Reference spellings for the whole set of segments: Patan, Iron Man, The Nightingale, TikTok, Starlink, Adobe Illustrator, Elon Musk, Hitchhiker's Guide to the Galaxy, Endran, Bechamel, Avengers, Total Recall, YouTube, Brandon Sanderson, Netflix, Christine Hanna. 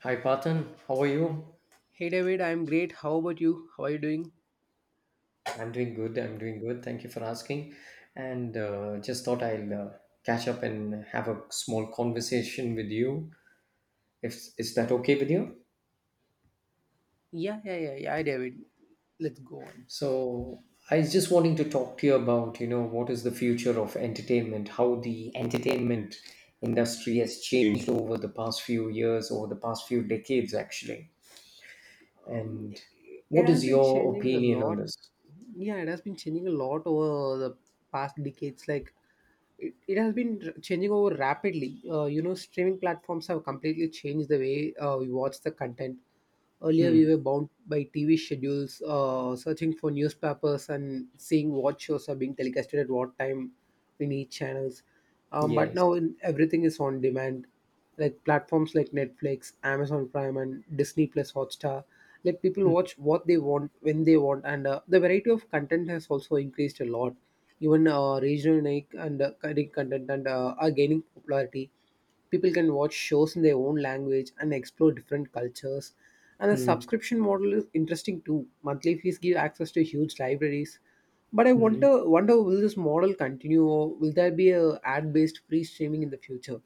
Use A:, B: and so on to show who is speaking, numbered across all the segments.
A: Hi, Patan. How are you?
B: Hey David, I'm great. How about you? How are you doing?
A: I'm doing good. I'm doing good. Thank you for asking. And just thought I'll catch up and have a small conversation with you. If is that okay with you?
B: Yeah, yeah, yeah, yeah, David. Let's go on.
A: So I was just wanting to talk to you about, you know, what is the future of entertainment, how the entertainment industry has changed over the past few years, over the past few decades, actually.
B: um,
A: And
B: it,
A: what
B: has
A: is
B: been
A: your
B: changing a
A: opinion on
B: lot.
A: this?
B: Yeah, it has been changing a lot over the past decades. Like, it has been changing over rapidly. You know, streaming platforms have completely changed the way we watch the content. Earlier we were
A: Hmm.
B: bound by tv schedules, searching for newspapers and seeing what shows are being telecasted at what time in each channels. But
A: Yes.
B: now in, everything is on demand, like platforms like netflix amazon prime and disney plus hotstar let people watch
A: Hmm.
B: what they want when they want, and the variety of content has also increased a lot. Even regional like and current content and are gaining popularity. People can watch shows in their own language and explore different cultures, and the
A: Hmm.
B: subscription model is interesting too. Monthly fees give access to huge libraries, but I
A: Hmm.
B: wonder will this model continue or will there be a ad based free streaming in the future.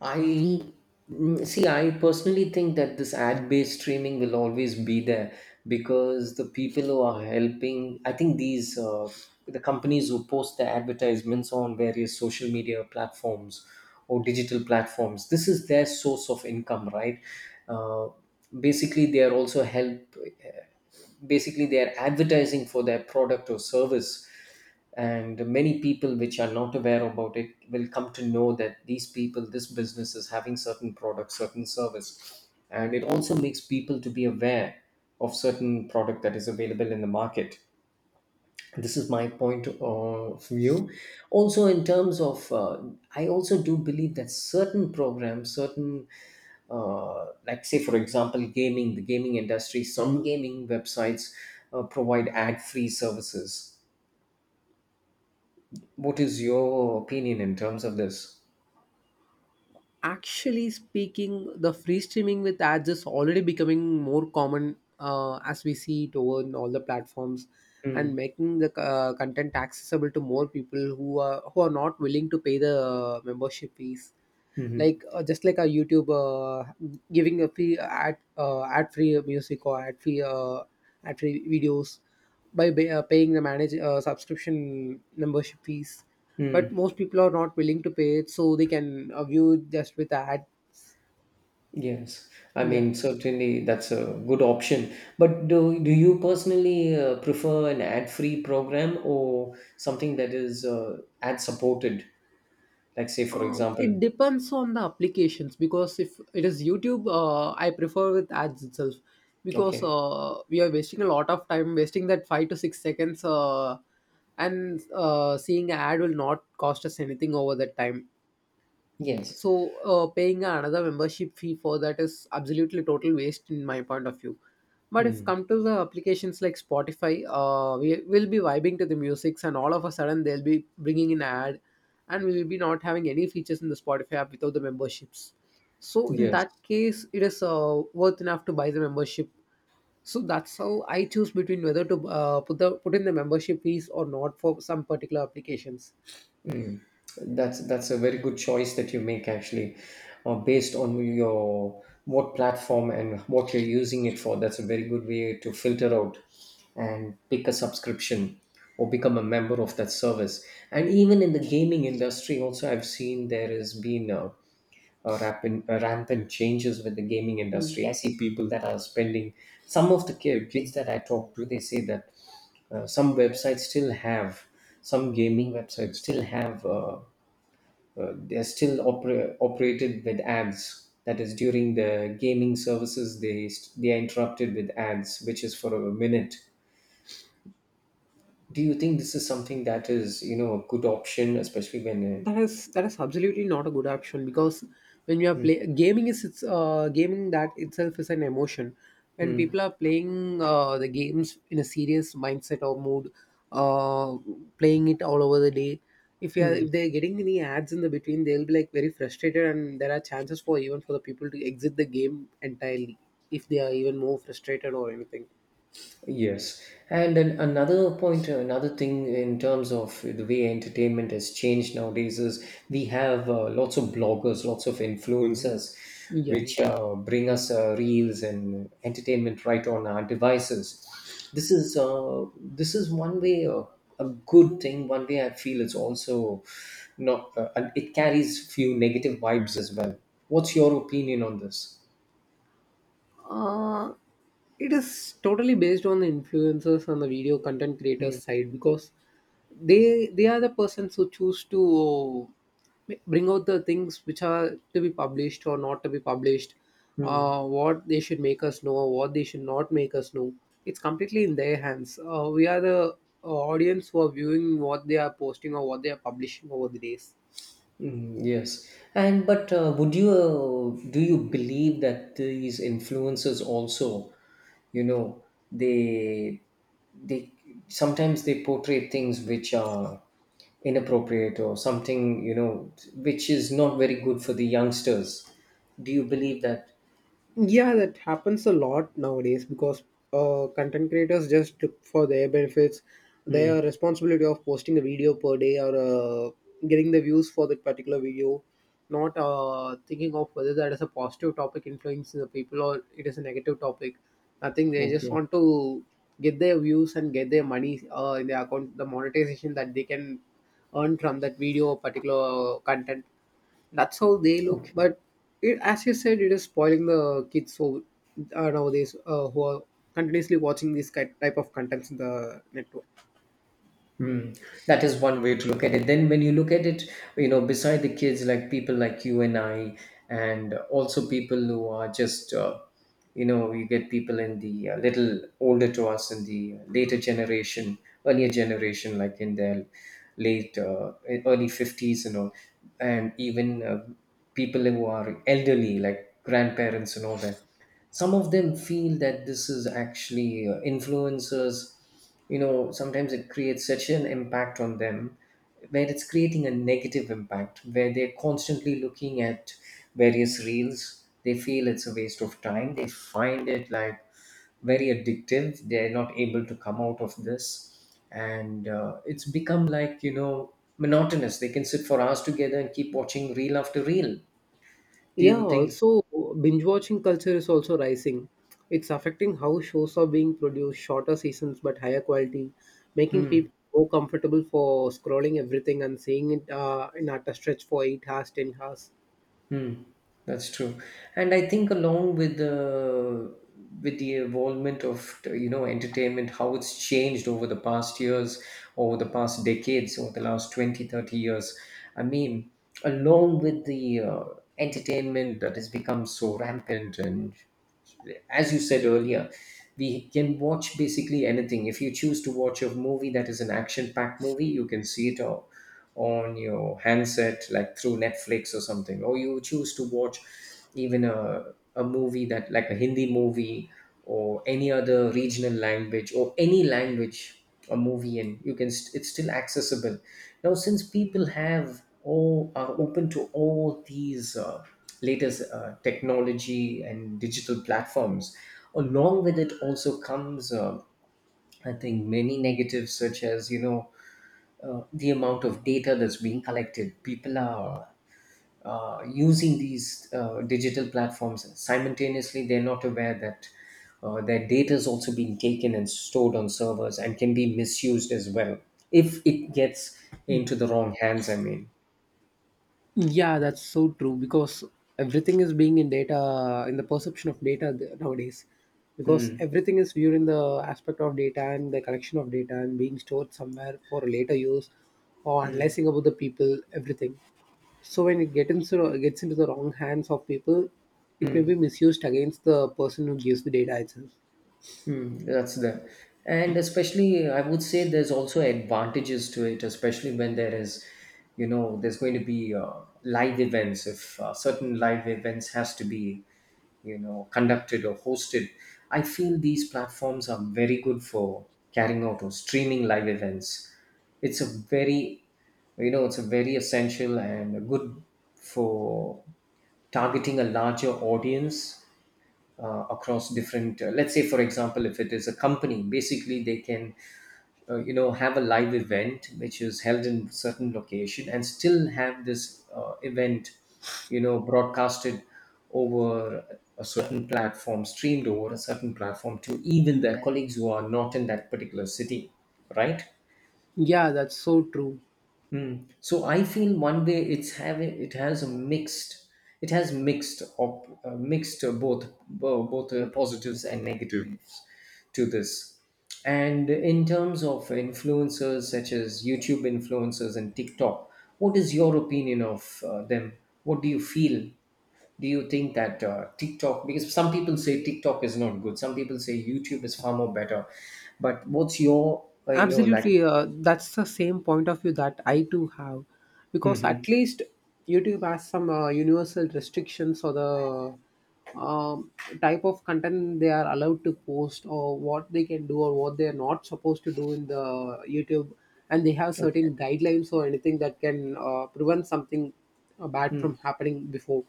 A: I see, I personally think that this ad based streaming will always be there because the people who are helping, I think these, the companies who post their advertisements on various social media platforms or digital platforms, this is their source of income, right? Uh, basically, they are also help, eh, basically, they are advertising for their product or service and many people which are not aware about it will come to know that these people this business is having certain product certain service and it also makes people to be aware of certain product that is available in the market. This is my point of view. Also in terms of I also do believe that certain programs certain like say for example gaming the gaming industry some gaming websites provide ad free services. What is your opinion in terms of this?
B: Actually speaking, the free streaming with ads is already becoming more common as we see it over in all the platforms, and
A: Mm,
B: making the content accessible to more people who are not willing to pay the membership fees. like
A: hmm,
B: uh, just like a youtube, giving a free ad, ad free music or ad free videos by paying the manage subscription membership fees. But
A: mm,
B: most people are not willing to pay it, so they can view just with ad.
A: yes. I
B: Yeah.
A: mean, certainly that's a good option. But do you personally prefer an ad-free program or something that is ad-supported? Like, say, for
B: It
A: example,
B: depends on the applications, because if it is YouTube, I prefer with ads itself, because
A: okay,
B: we are wasting a lot of time, wasting that 5 to 6 seconds, and seeing an ad will not cost us anything over that time.
A: yes,
B: So paying another membership fee for that is absolutely total waste in my point of view. But if
A: mm,
B: come to the applications like Spotify, we will be vibing to the musics, and all of a sudden they'll be bringing in ad, and we will be not having any features in the Spotify app without the memberships. So in
A: yes.
B: that case, it is worth enough to buy the membership. So that's how I choose between whether to put in the membership fees or not for some particular applications.
A: Mm. That's a very good choice that you make actually, based on your what platform and what you're using it for. That's a very good way to filter out and pick a subscription or become a member of that service. And even in the gaming industry, also I've seen there has been a rapid a rampant changes with the gaming
B: Hmm.
A: industry. I see people that are spending some of the kids that I talk to. They say that some websites still have some gaming websites still have. They're still operated with ads. That is during the gaming services, they are interrupted with ads, which is for a minute. Do you think this is something that is you know a good option, especially when?
B: That is absolutely not a good option, because when you are
A: Hmm.
B: play gaming, is it's gaming that itself is an emotion. When
A: Hmm.
B: people are playing the games in a serious mindset or mood, uh, playing it all over the day, if you are
A: Hmm.
B: if they're getting any ads in the between, they'll be like very frustrated, and there are chances for even for the people to exit the game entirely if they are even more frustrated or anything.
A: Yes, and then another point, another thing in terms of the way entertainment has changed nowadays is we have lots of bloggers, lots of influencers,
B: Yeah.
A: which bring us reels and entertainment right on our devices. This is one way a good thing. One way I feel it's also not. And it carries few negative vibes as well. What's your opinion on this?
B: Uh, it is totally based on the influencers and the video content creators
A: Hmm.
B: side, because they are the persons who choose to bring out the things which are to be published or not to be published,
A: Hmm.
B: what they should make us know, what they should not make us know. It's completely in their hands. We are the audience who are viewing what they are posting or what they are publishing over the days.
A: Yes, and but would you do you believe that these influencers also, you know, they they sometimes they portray things which are inappropriate or something, you know, which is not very good for the youngsters. Do you believe that?
B: Yeah, that happens a lot nowadays, because content creators just look for their benefits,
A: Hmm.
B: their responsibility of posting a video per day, or getting the views for that particular video, not thinking of whether that is a positive topic influencing the people or it is a negative topic. Nothing, they just
A: Okay.
B: want to get their views and get their money in their account, the monetization that they can earn from that video or particular content. That's how they look.
A: Okay.
B: But it, as you said, it is spoiling the kids who nowadays who are continuously watching this type of contents in the network.
A: Hmm. That is one way to look at it. Then, when you look at it, you know, beside the kids, like people like you and I, and also people who are just, you know, you get people in the little older to us in the later generation, earlier generation, like in their late, early 50s, you know, and even people who are elderly, like grandparents and all that some of them feel that this is actually influencers you know sometimes it creates such an impact on them where it's creating a negative impact where they're constantly looking at various reels. They feel it's a waste of time. They find it like very addictive. They're not able to come out of this and it's become like you know monotonous. They can sit for hours together and keep watching reel after reel. Do
B: Yeah,
A: you think?
B: also binge watching culture is also rising. It's affecting how shows are being produced, shorter seasons but higher quality, making
A: Hmm.
B: people more comfortable for scrolling everything and seeing it in at a stretch for 8 hours, 10 hours.
A: Hmm, that's true, and I think along with the involvement of you know entertainment, how it's changed over the past years, over the past decades, over the last 20, 30 years. I mean, along with the entertainment that has become so rampant and as you said earlier, we can watch basically anything. If you choose to watch a movie that is an action-packed movie, you can see on your handset, like through Netflix or something. Or you choose to watch even a movie that like a Hindi movie or any other regional language or any language a movie and you it's still accessible now since people have all are open to all these latest technology and digital platforms. Along with it also comes, I think, many negatives such as you know the amount of data that's being collected. People are using these digital platforms simultaneously. They're not aware that their data is also being taken and stored on servers and can be misused as well if it gets into the wrong hands. I mean.
B: Yeah, that's so true, because everything is being in data, in the perception of data nowadays. Because
A: Hmm.
B: everything is viewed in the aspect of data and the collection of data and being stored somewhere for later use or
A: Hmm.
B: analyzing about the people, everything. So when it gets into the wrong hands of people, it may
A: Hmm.
B: be misused against the person who gives the data itself.
A: That's there. And especially, I would say there's also advantages to it, especially when there is, you know, there's going to be live events. If certain live events has to be, you know, conducted or hosted, I feel these platforms are very good for carrying out or streaming live events. It's a very, you know, it's a very essential and good for targeting a larger audience across different let's say for example if it is a company basically they can you know have a live event which is held in certain location and still have this event you know broadcasted over a certain platform streamed over a certain platform to even their colleagues who are not in that particular city, right?
B: Yeah, that's so true.
A: Mm. So I feel one way it's having it has a mixed it has mixed mixed both both positives and negatives to this. And in terms of influencers such as YouTube influencers and TikTok, what is your opinion of them? What do you feel? Do you think that TikTok, because some people say TikTok is not good, some people say YouTube is far more better, but what's your, I know, like,
B: Absolutely, that's the same point of view that I too have, because at
A: hmm,
B: least YouTube has some universal restrictions or the type of content they are allowed to post, or what they can do, or what they are not supposed to do in the YouTube, and they have
A: okay.
B: certain guidelines or anything that can prevent something bad from
A: Mm.
B: happening before.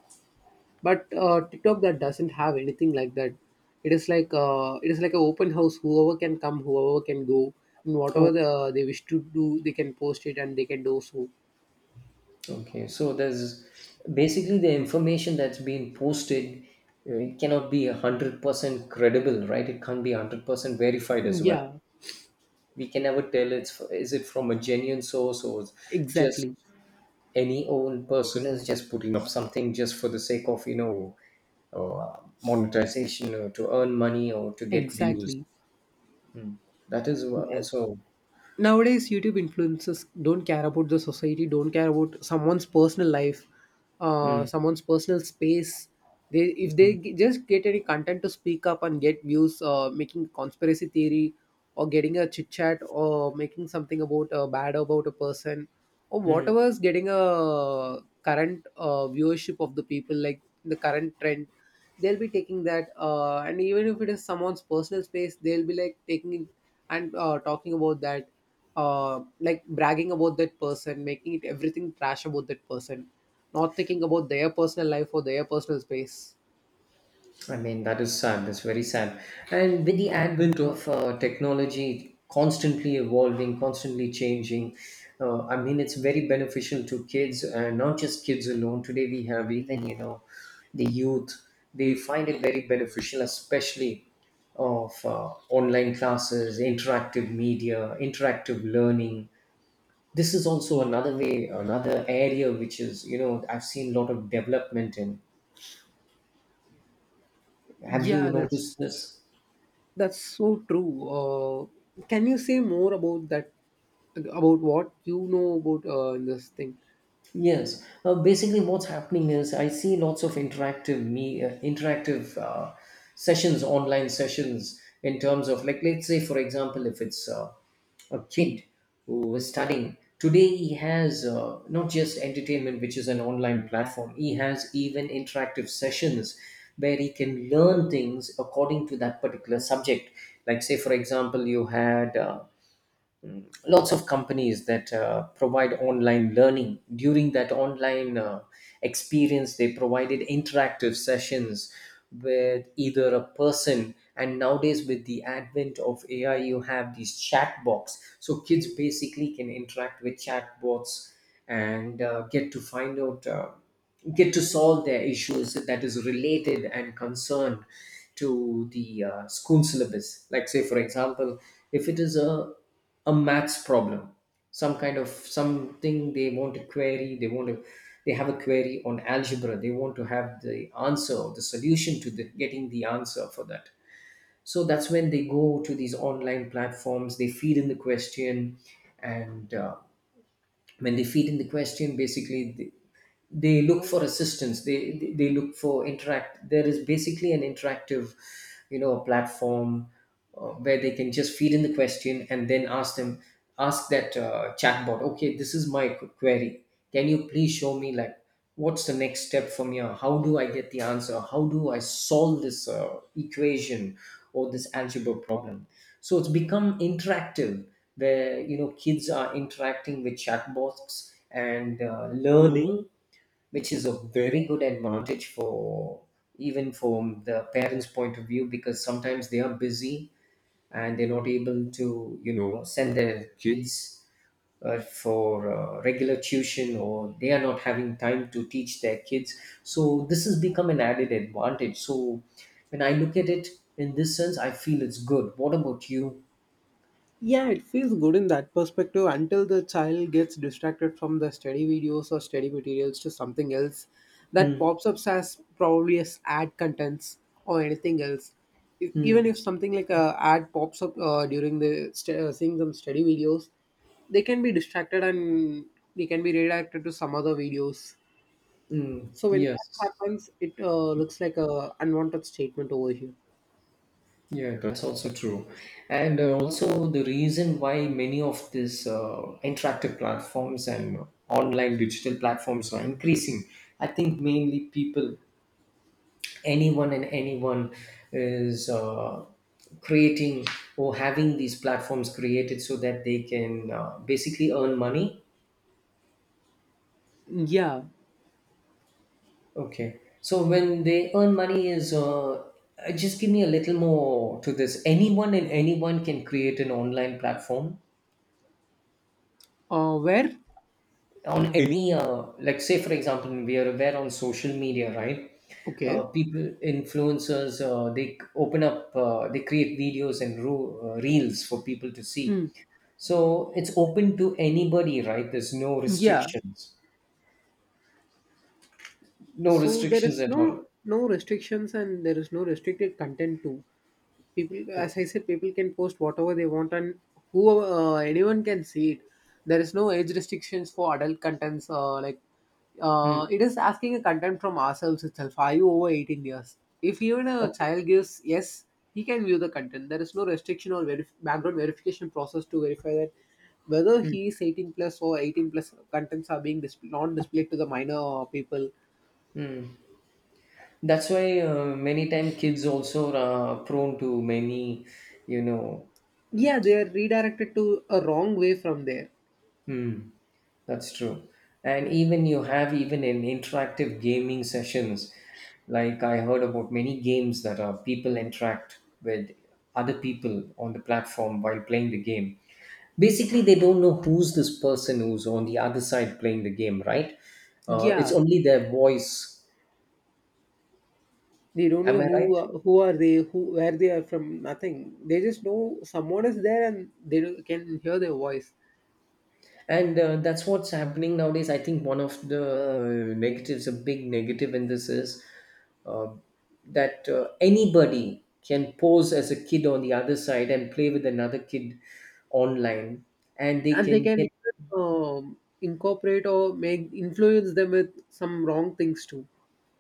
B: But tiktok that doesn't have anything like that. It is like an open house, whoever can come, whoever can go, and whatever the, they wish to do, they can post it and they can do so.
A: Okay, so there's basically the information that's being posted, it cannot be 100% credible, right? It can't be 100% verified as well.
B: Yeah,
A: We can never tell it's is it from a genuine source or it's just
B: exactly.
A: any old person is just putting up something just for the sake of, you know, monetization or to earn money or to get views.
B: Exactly.
A: That is also.
B: Nowadays youtube influencers don't care about the society, don't care about someone's personal life, someone's personal space. They if they just get any content to speak up and get views, making conspiracy theory or getting a chit chat or making something about bad about a person, or
A: Mm,
B: whatever is getting a current viewership of the people, like the current trend, they'll be taking that, and even if it is someone's personal space they'll be like taking it and talking about that, like bragging about that person, making it everything trash about that person, not thinking about their personal life or their personal space.
A: I mean, that is sad. That's very sad. And with the advent of technology constantly evolving, constantly changing, I mean, it's very beneficial to kids and not just kids alone. Today, we have even, you know, the youth, they find it very beneficial, especially of online classes, interactive media, interactive learning. This is also another way, another area which is, you know, I've seen a lot of development in. Have
B: yeah
A: you noticed
B: that's
A: this?
B: that's so true. Can you say more about that, about what you know about this thing?
A: Yes. Basically, what's happening is I see lots of interactive sessions, online sessions, in terms of like let's say for example, if it's a kid who is studying today, he has not just entertainment, which is an online platform. He has even interactive sessions where he can learn things according to that particular subject. Like say for example, you had. Lots of companies that provide online learning. During that online experience, they provided interactive sessions with either a person, and nowadays with the advent of AI you have these chat box, so kids basically can interact with chat bots and get to find out, get to solve their issues that is related and concerned to the school syllabus. Like say for example, if it is a maths problem, some kind of something they want to query, they want to, they have a query on algebra, they want to have the answer or the solution to the, getting the answer for that. So that's when they go to these online platforms, they feed in the question, and when they feed in the question, basically they look for assistance, they look for interact, there is basically an interactive, you know, platform where they can just feed in the question and then ask them, ask that chatbot, okay, this is my query, can you please show me, like, what's the next step from here, how do I get the answer, how do I solve this equation or this algebra problem? So it's become interactive where, you know, kids are interacting with chatbots and learning, which is a very good advantage for, even from the parents point of view, because sometimes they are busy and they're not able to, you know, send their kids for regular tuition, or they are not having time to teach their kids. So this has become an added advantage. So when I look at it in this sense, I feel it's good. What about you?
B: Yeah, it feels good in that perspective, until the child gets distracted from the study videos or study materials to something else that
A: Hmm.
B: pops up as probably as ad contents or anything else. If,
A: Hmm.
B: even if something like a ad pops up during the seeing some study videos, they can be distracted and they can be redirected to some other videos.
A: Mm,
B: So when that
A: yes.
B: happens, it looks like a unwanted statement over here.
A: Yeah, that's also true. And also, the reason why many of these interactive platforms and online digital platforms are increasing, I think mainly people, anyone and anyone, is creating or having these platforms created so that they can basically earn money.
B: Yeah.
A: Okay, so when they earn money is just give me a little more to this. Anyone and anyone can create an online platform
B: Where?
A: on any like say for example, we are aware on social media, right?
B: Okay.
A: People, influencers, they open up, they create videos and reels for people to see.
B: Mm.
A: So it's open to anybody, right? There's no
B: Yeah.
A: restrictions. No
B: So there
A: restrictions
B: is
A: at all.
B: no restrictions, and there is no restricted content too. People, as
A: Okay.
B: I said, people can post whatever they want, and whoever, anyone can see it. There is no age restrictions for adult contents, uh, like
A: Hmm.
B: uh, it is asking a content from ourselves itself, are you over 18 years, if even a
A: Okay.
B: child gives yes, he can view the content. There is no restriction or background verification process to verify that whether
A: Hmm.
B: he is 18 plus, or 18 plus contents are being not displayed to the minor people.
A: That's why many time kids also are prone to many, you know,
B: Yeah, they are redirected to a wrong way from there.
A: hmm, that's true. And even you have, even in interactive gaming sessions, like I heard about many games that are people interact with other people on the platform while playing the game. Basically, they don't know who's this person who's on the other side playing the game, right? It's
B: Yeah,
A: only their voice.
B: they don't
A: Am
B: know
A: I right?
B: who, who are they, who where they are from. Nothing. They just know someone is there, and they can hear their voice,
A: And that's what's happening nowadays. I think one of the negatives, a big negative in this is uh, that anybody can pose as a kid on the other side and play with another kid online, and they
B: and they
A: can
B: can
A: get,
B: even, incorporate or make influence them with some wrong things too.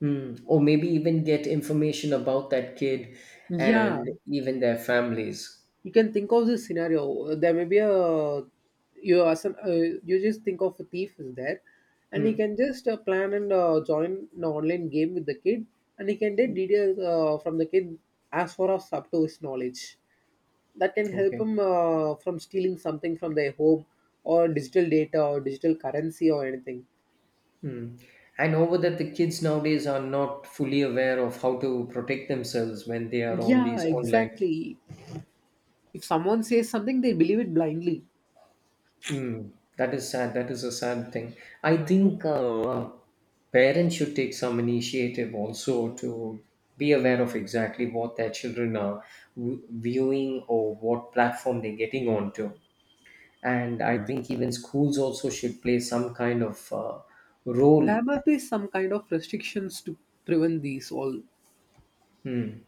A: mm, or maybe even get information about that kid
B: Yeah,
A: and even their families.
B: you can think of this scenario. There may be a, you as an, you just think of a thief is there, and he
A: Hmm,
B: can just plan and join an online game with the kid, and he can get details from the kid as far as up to his knowledge. That can help
A: okay.
B: him from stealing something from their home, or digital data or digital currency or anything.
A: Hmm. And over that, the kids nowadays are not fully aware of how to protect themselves when they are on
B: Yeah,
A: these online.
B: exactly. If someone says something, they believe it blindly.
A: Hmm, that is sad. That is a sad thing. I think parents should take some initiative also to be aware of exactly what their children are viewing or what platform they're getting onto. And I think even schools also should play some kind of
B: There
A: role.
B: must be some kind of restrictions to prevent these all.
A: Hmm.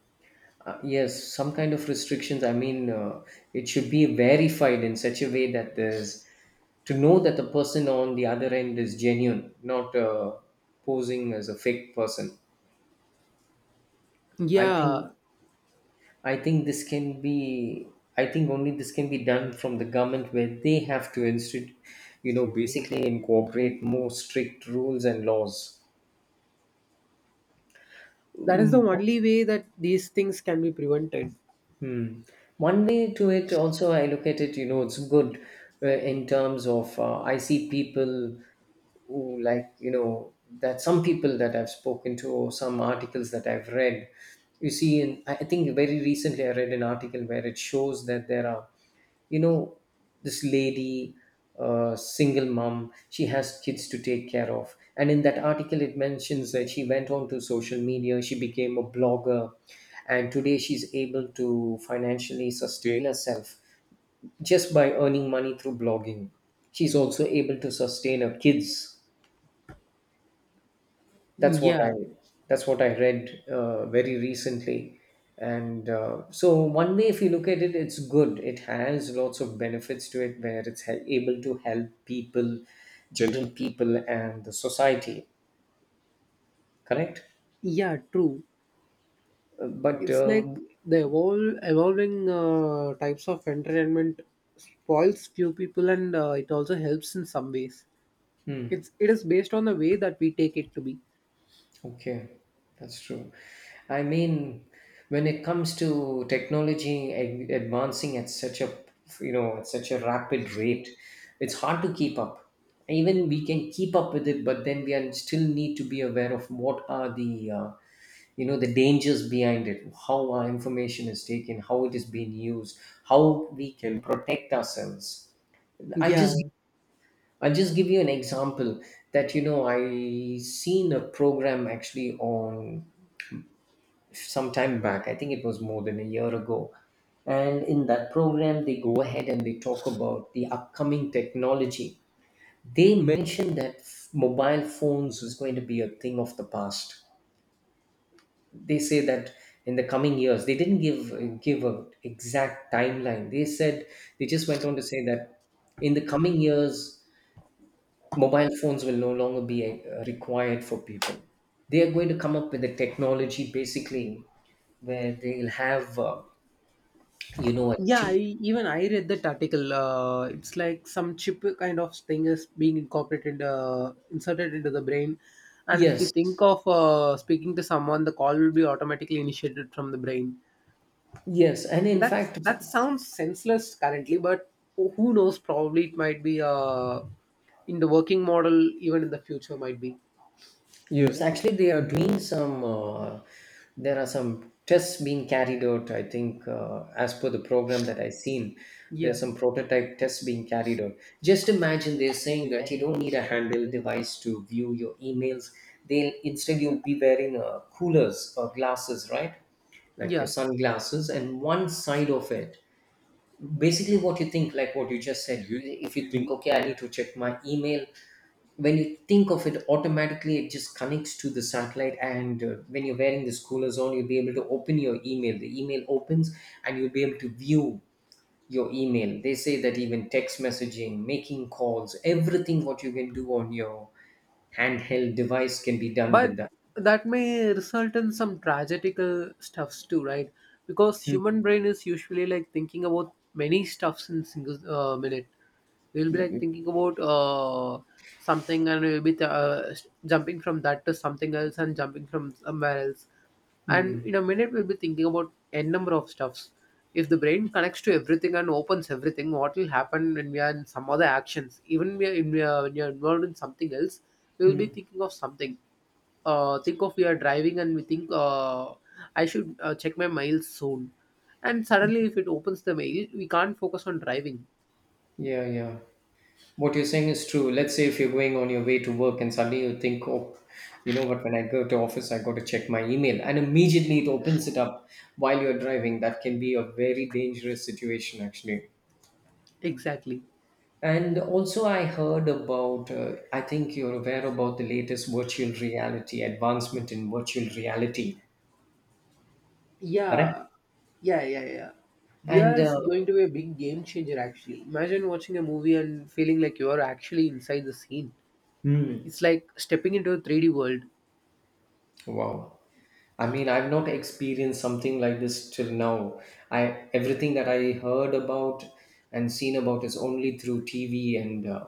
A: Yes, some kind of restrictions. I mean, it should be verified in such a way that there's to know that the person on the other end is genuine, not posing as a fake person. I think
B: Yeah,
A: I think this can be. I think only this can be done from the government, where they have to institute, you know, basically incorporate more strict rules and laws.
B: that is the
A: Mm,
B: only way that these things can be prevented.
A: hmm. One way to it also, I look at it, you know, it's good in terms of I see people who, like, you know, that some people that I've spoken to or some articles that I've read, you see, in, I think very recently I read an article where it shows that there are, you know, this lady, single mom, she has kids to take care of, and in that article it mentions that she went on to social media, she became a blogger, and today she's able to financially sustain herself just by earning money through blogging. She's also able to sustain her kids. that's what I
B: Yeah,
A: that's what I read very recently, and so one way if you look at it, it's good. It has lots of benefits to it, where it's able to help people, general people, and the society. Correct.
B: yeah, true.
A: But
B: It's like the evolving types of entertainment spoils few people, and it also helps in some ways.
A: hmm.
B: It is based on the way that we take it to be.
A: Okay, that's true. I mean, when it comes to technology advancing at such a, you know, at such a rapid rate, it's hard to keep up. Even we can keep up with it, but then we are still need to be aware of what are the you know, the dangers behind it, how our information is taken, how it is being used, how we can protect ourselves. I
B: Yeah,
A: just I'll just give you an example that, you know, I seen a program actually on, some time back, I think it was more than a year ago, and in that program they go ahead and they talk about the upcoming technology. They mentioned that mobile phones was going to be a thing of the past. They say that in the coming years, they didn't give an exact timeline. They said, they just went on to say that in the coming years, mobile phones will no longer be required for people. They are going to come up with a technology basically where they'll have you know, a
B: yeah, I,
A: chip.
B: even I read that article, it's like some chip kind of thing is being incorporated, inserted into the brain, and if you think
A: Yes,
B: of speaking to someone, the call will be automatically initiated from the brain.
A: yes, and in
B: That's
A: fact,
B: that sounds senseless currently, but who knows? Probably it might be in the working model, even in the future might be.
A: yes, actually they are doing some there are some tests being carried out, I think, as per the program that I've seen. There's
B: Yeah,
A: some prototype tests being carried out. Just imagine, they're saying that you don't need a handheld device to view your emails, they'll, instead you'll be wearing coolers or glasses, right, like your
B: yeah.
A: sunglasses, and one side of it, basically what you think, like what you just said, you, if you think, okay, I need to check my email, when you think of it, automatically it just connects to the satellite, and when you're wearing this cooler zone, you'll be able to open your email, the email opens, and you'll be able to view your email. They say that even text messaging, making calls, everything what you can do on your handheld device can be done
B: But
A: with that.
B: that may result in some tragical stuffs too, right? Because human
A: Mm.
B: brain is usually like thinking about many stuffs in single minute. We'll be like thinking about something, and we'll be jumping from that to something else and jumping from somewhere else, and
A: Mm.
B: in a minute we'll be thinking about n number of stuffs. If the brain connects to everything and opens everything, what will happen when we are in some other actions? Even we are, in, we are, when we are involved in something else, we will be
A: Mm.
B: thinking of something. Think of, we are driving and we think I should check my mail soon. And suddenly, if it opens the mail, we can't focus on driving.
A: Yeah, yeah. What you're saying is true. Let's say if you're going on your way to work and suddenly you think, oh, you know what, when I go to office, I got to check my email. And immediately it opens it up while you're driving. That can be a very dangerous situation, actually.
B: Exactly.
A: And also, I heard about, I think you're aware about the latest virtual reality, advancement in virtual reality, correct?
B: Yeah, yeah, yeah, yeah. VR
A: And,
B: is going to be a big game changer, actually. Imagine watching a movie and feeling like you are actually inside the scene.
A: hmm,
B: It's like stepping into a 3D world.
A: wow. I mean, I've not experienced something like this till now. I, everything that I heard about and seen about is only through TV and uh,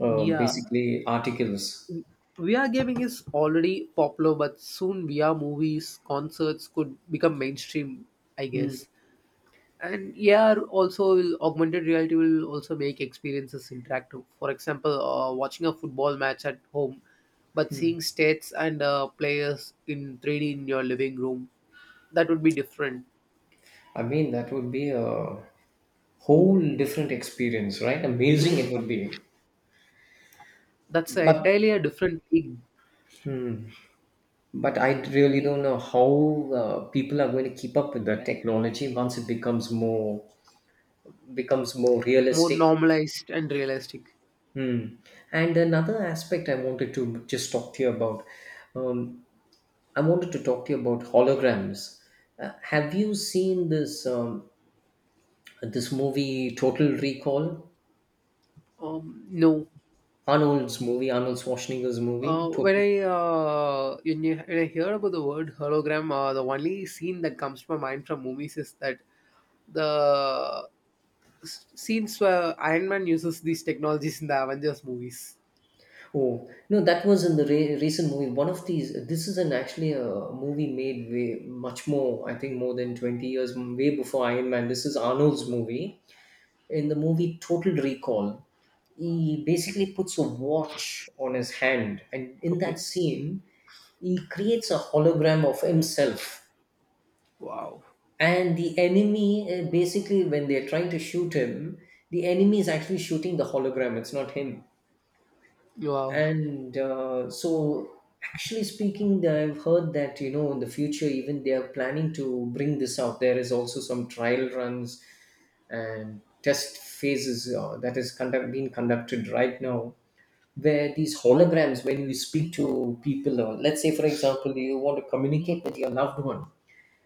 A: uh,
B: Yeah.
A: basically articles.
B: VR gaming is already popular, but soon VR movies, concerts could become mainstream, I
A: Hmm.
B: guess. And AR also will, augmented reality will also make experiences interactive. For example, watching a football match at home, but seeing stats and players in 3D in your living room, that would be different.
A: I mean, that would be a whole different experience, right? Amazing it would be.
B: That's a
A: But
B: entirely a different league.
A: hmm, but I really don't know how people are going to keep up with the technology once it becomes more, becomes more
B: More
A: realistic.
B: normalized and realistic.
A: Hmm. And another aspect I wanted to just talk to you about, um, I wanted to talk to you about holograms. Have you seen this, this movie Total Recall?
B: No.
A: Arnold's movie, Arnold Schwarzenegger's
B: Uh,
A: movie,
B: when
A: Total.
B: I uh, when, you, when I hear about the word hologram, the only scene that comes to my mind from movies is that the scenes where Iron Man uses these technologies in the Avengers movies.
A: Oh no, that was in the recent movie. One of these. This is an actually a movie made way much more. I think more than 20 years, way before Iron Man. This is Arnold's movie. In the movie Total Recall, he basically puts a watch on his hand, and in that
B: Okay.
A: scene, he creates a hologram of himself.
B: Wow,
A: And the enemy, basically, when they're trying to shoot him, the enemy is actually shooting the hologram, it's not him.
B: wow.
A: And so, actually speaking, I've heard that, you know, in the future, even they are planning to bring this out. There is also some trial runs and test phases that is conduct, being conducted right now, where these holograms, when you speak to people, or let's say for example, you want to communicate with your loved one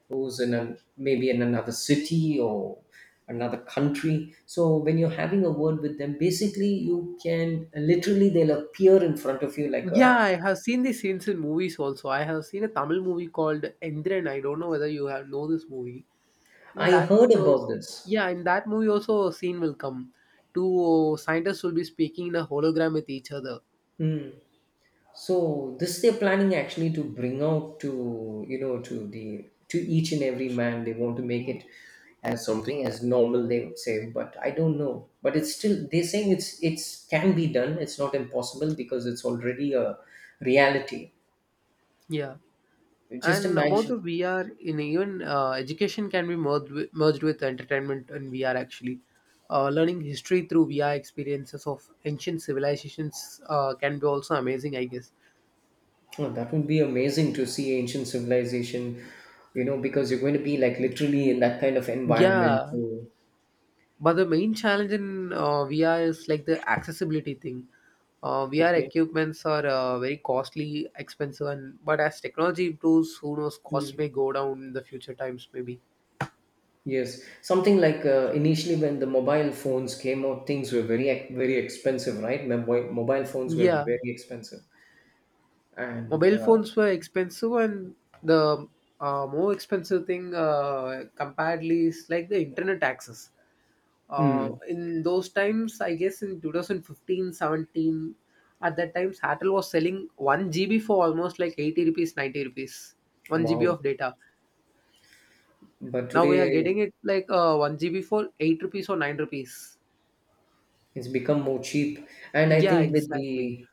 A: who's in an, maybe in another city or another country, so when you're having a word with them, basically you can literally, they'll appear in front of you like
B: Yeah,
A: a,
B: I have seen these scenes in movies also. I have seen a Tamil movie called Endran. I don't know whether you have know this movie. In
A: I
B: that
A: heard
B: movie
A: about
B: also,
A: this.
B: yeah, in that movie also a scene will come. Two scientists will be speaking in a hologram with each other.
A: Hmm. So this they're planning actually to bring out to, you know, to the, to each and every man, they want to make it as something as normal, they would say, but I don't know, but it's still they're saying it's can be done, it's not impossible because it's already a reality.
B: Yeah,
A: Just
B: and about
A: imagine.
B: the VR, in even education can be merged with entertainment and VR. Actually, learning history through VR experiences of ancient civilizations can be also amazing, I guess.
A: Oh, that would be amazing to see ancient civilization, you know, because you're going to be like literally in that kind of environment.
B: Yeah,
A: Too.
B: but the main challenge in VR is like the accessibility thing. VR
A: Okay.
B: equipments are very costly, expensive, and but as technology improves, who knows, costs
A: Mm.
B: may go down in the future times, maybe.
A: Yes, something like initially when the mobile phones came out, things were very very expensive, right? Mobile phones were
B: Yeah,
A: very expensive, and
B: mobile phones were expensive, and the more expensive thing comparedly is like the internet access
A: mm,
B: in those times, I guess, in 2015, 17. At that time, satel was selling 1 GB for almost like 80 rupees, 90 rupees, 1 GB
A: wow.
B: of data.
A: But
B: Now we are
A: today
B: getting it like 1 GB for 8 rupees or 9 rupees.
A: it's become more cheap, and I
B: Yeah,
A: think with
B: exactly,
A: the,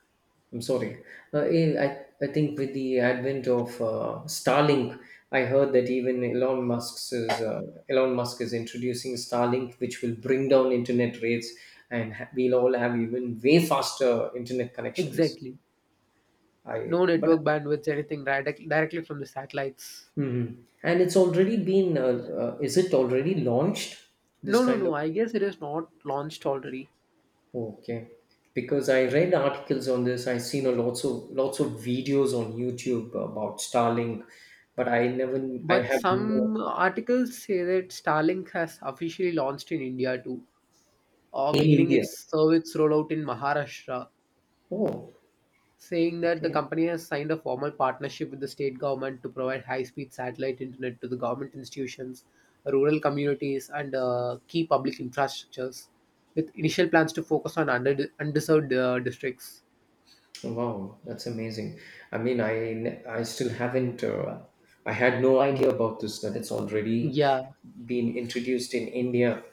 A: I'm sorry. I think with the advent of Starlink, I heard that even Elon Musk's is, Elon Musk is introducing Starlink, which will bring down internet rates, and we'll all have even way faster internet connections.
B: exactly. No
A: I but,
B: network bandwidth anything, right? Directly from the satellites.
A: mhm, and it's already been. Is it already launched? This
B: No, no,
A: kind
B: no.
A: of,
B: I guess it is not launched already.
A: okay. Because I read articles on this, I've seen a lots of videos on YouTube about Starlink, but I never, I
B: But
A: have no,
B: some articles say that Starlink has officially launched in India too, or
A: in
B: beginning
A: India.
B: its service rollout in Maharashtra,
A: Oh,
B: saying that the
A: okay.
B: company has signed a formal partnership with the state government to provide high-speed satellite internet to the government institutions, rural communities, and key public infrastructures, with initial plans to focus on under undeserved districts.
A: Wow, that's amazing. I mean, I I still haven't I had no idea about this that it's already
B: Yeah,
A: been introduced in India.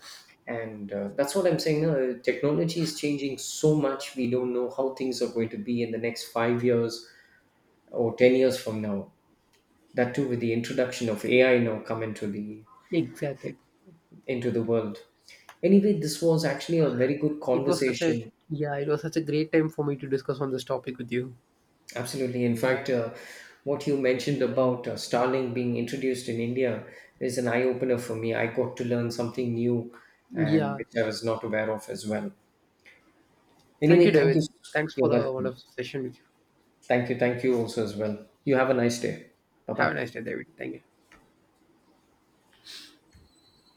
A: And that's what I'm saying. Technology is changing so much. We don't know how things are going to be in the next 5 years or 10 years from now. That too with the introduction of AI now come into the,
B: exactly.
A: into the world. Anyway, this was actually a very good
B: It was such a
A: conversation.
B: yeah, it was such a great time for me to discuss on this topic with you.
A: Absolutely. In fact, what you mentioned about Starlink being introduced in India is an eye-opener for me. I got to learn something new and
B: Yeah.
A: which I was not aware of as well.
B: Thank
A: Anyway,
B: you,
A: thank
B: David.
A: you.
B: Thanks for
A: You're
B: the
A: welcome.
B: wonderful session with you.
A: Thank you, thank you also as well. You have a nice day. Bye
B: Have a
A: bye
B: nice day, David. Thank you.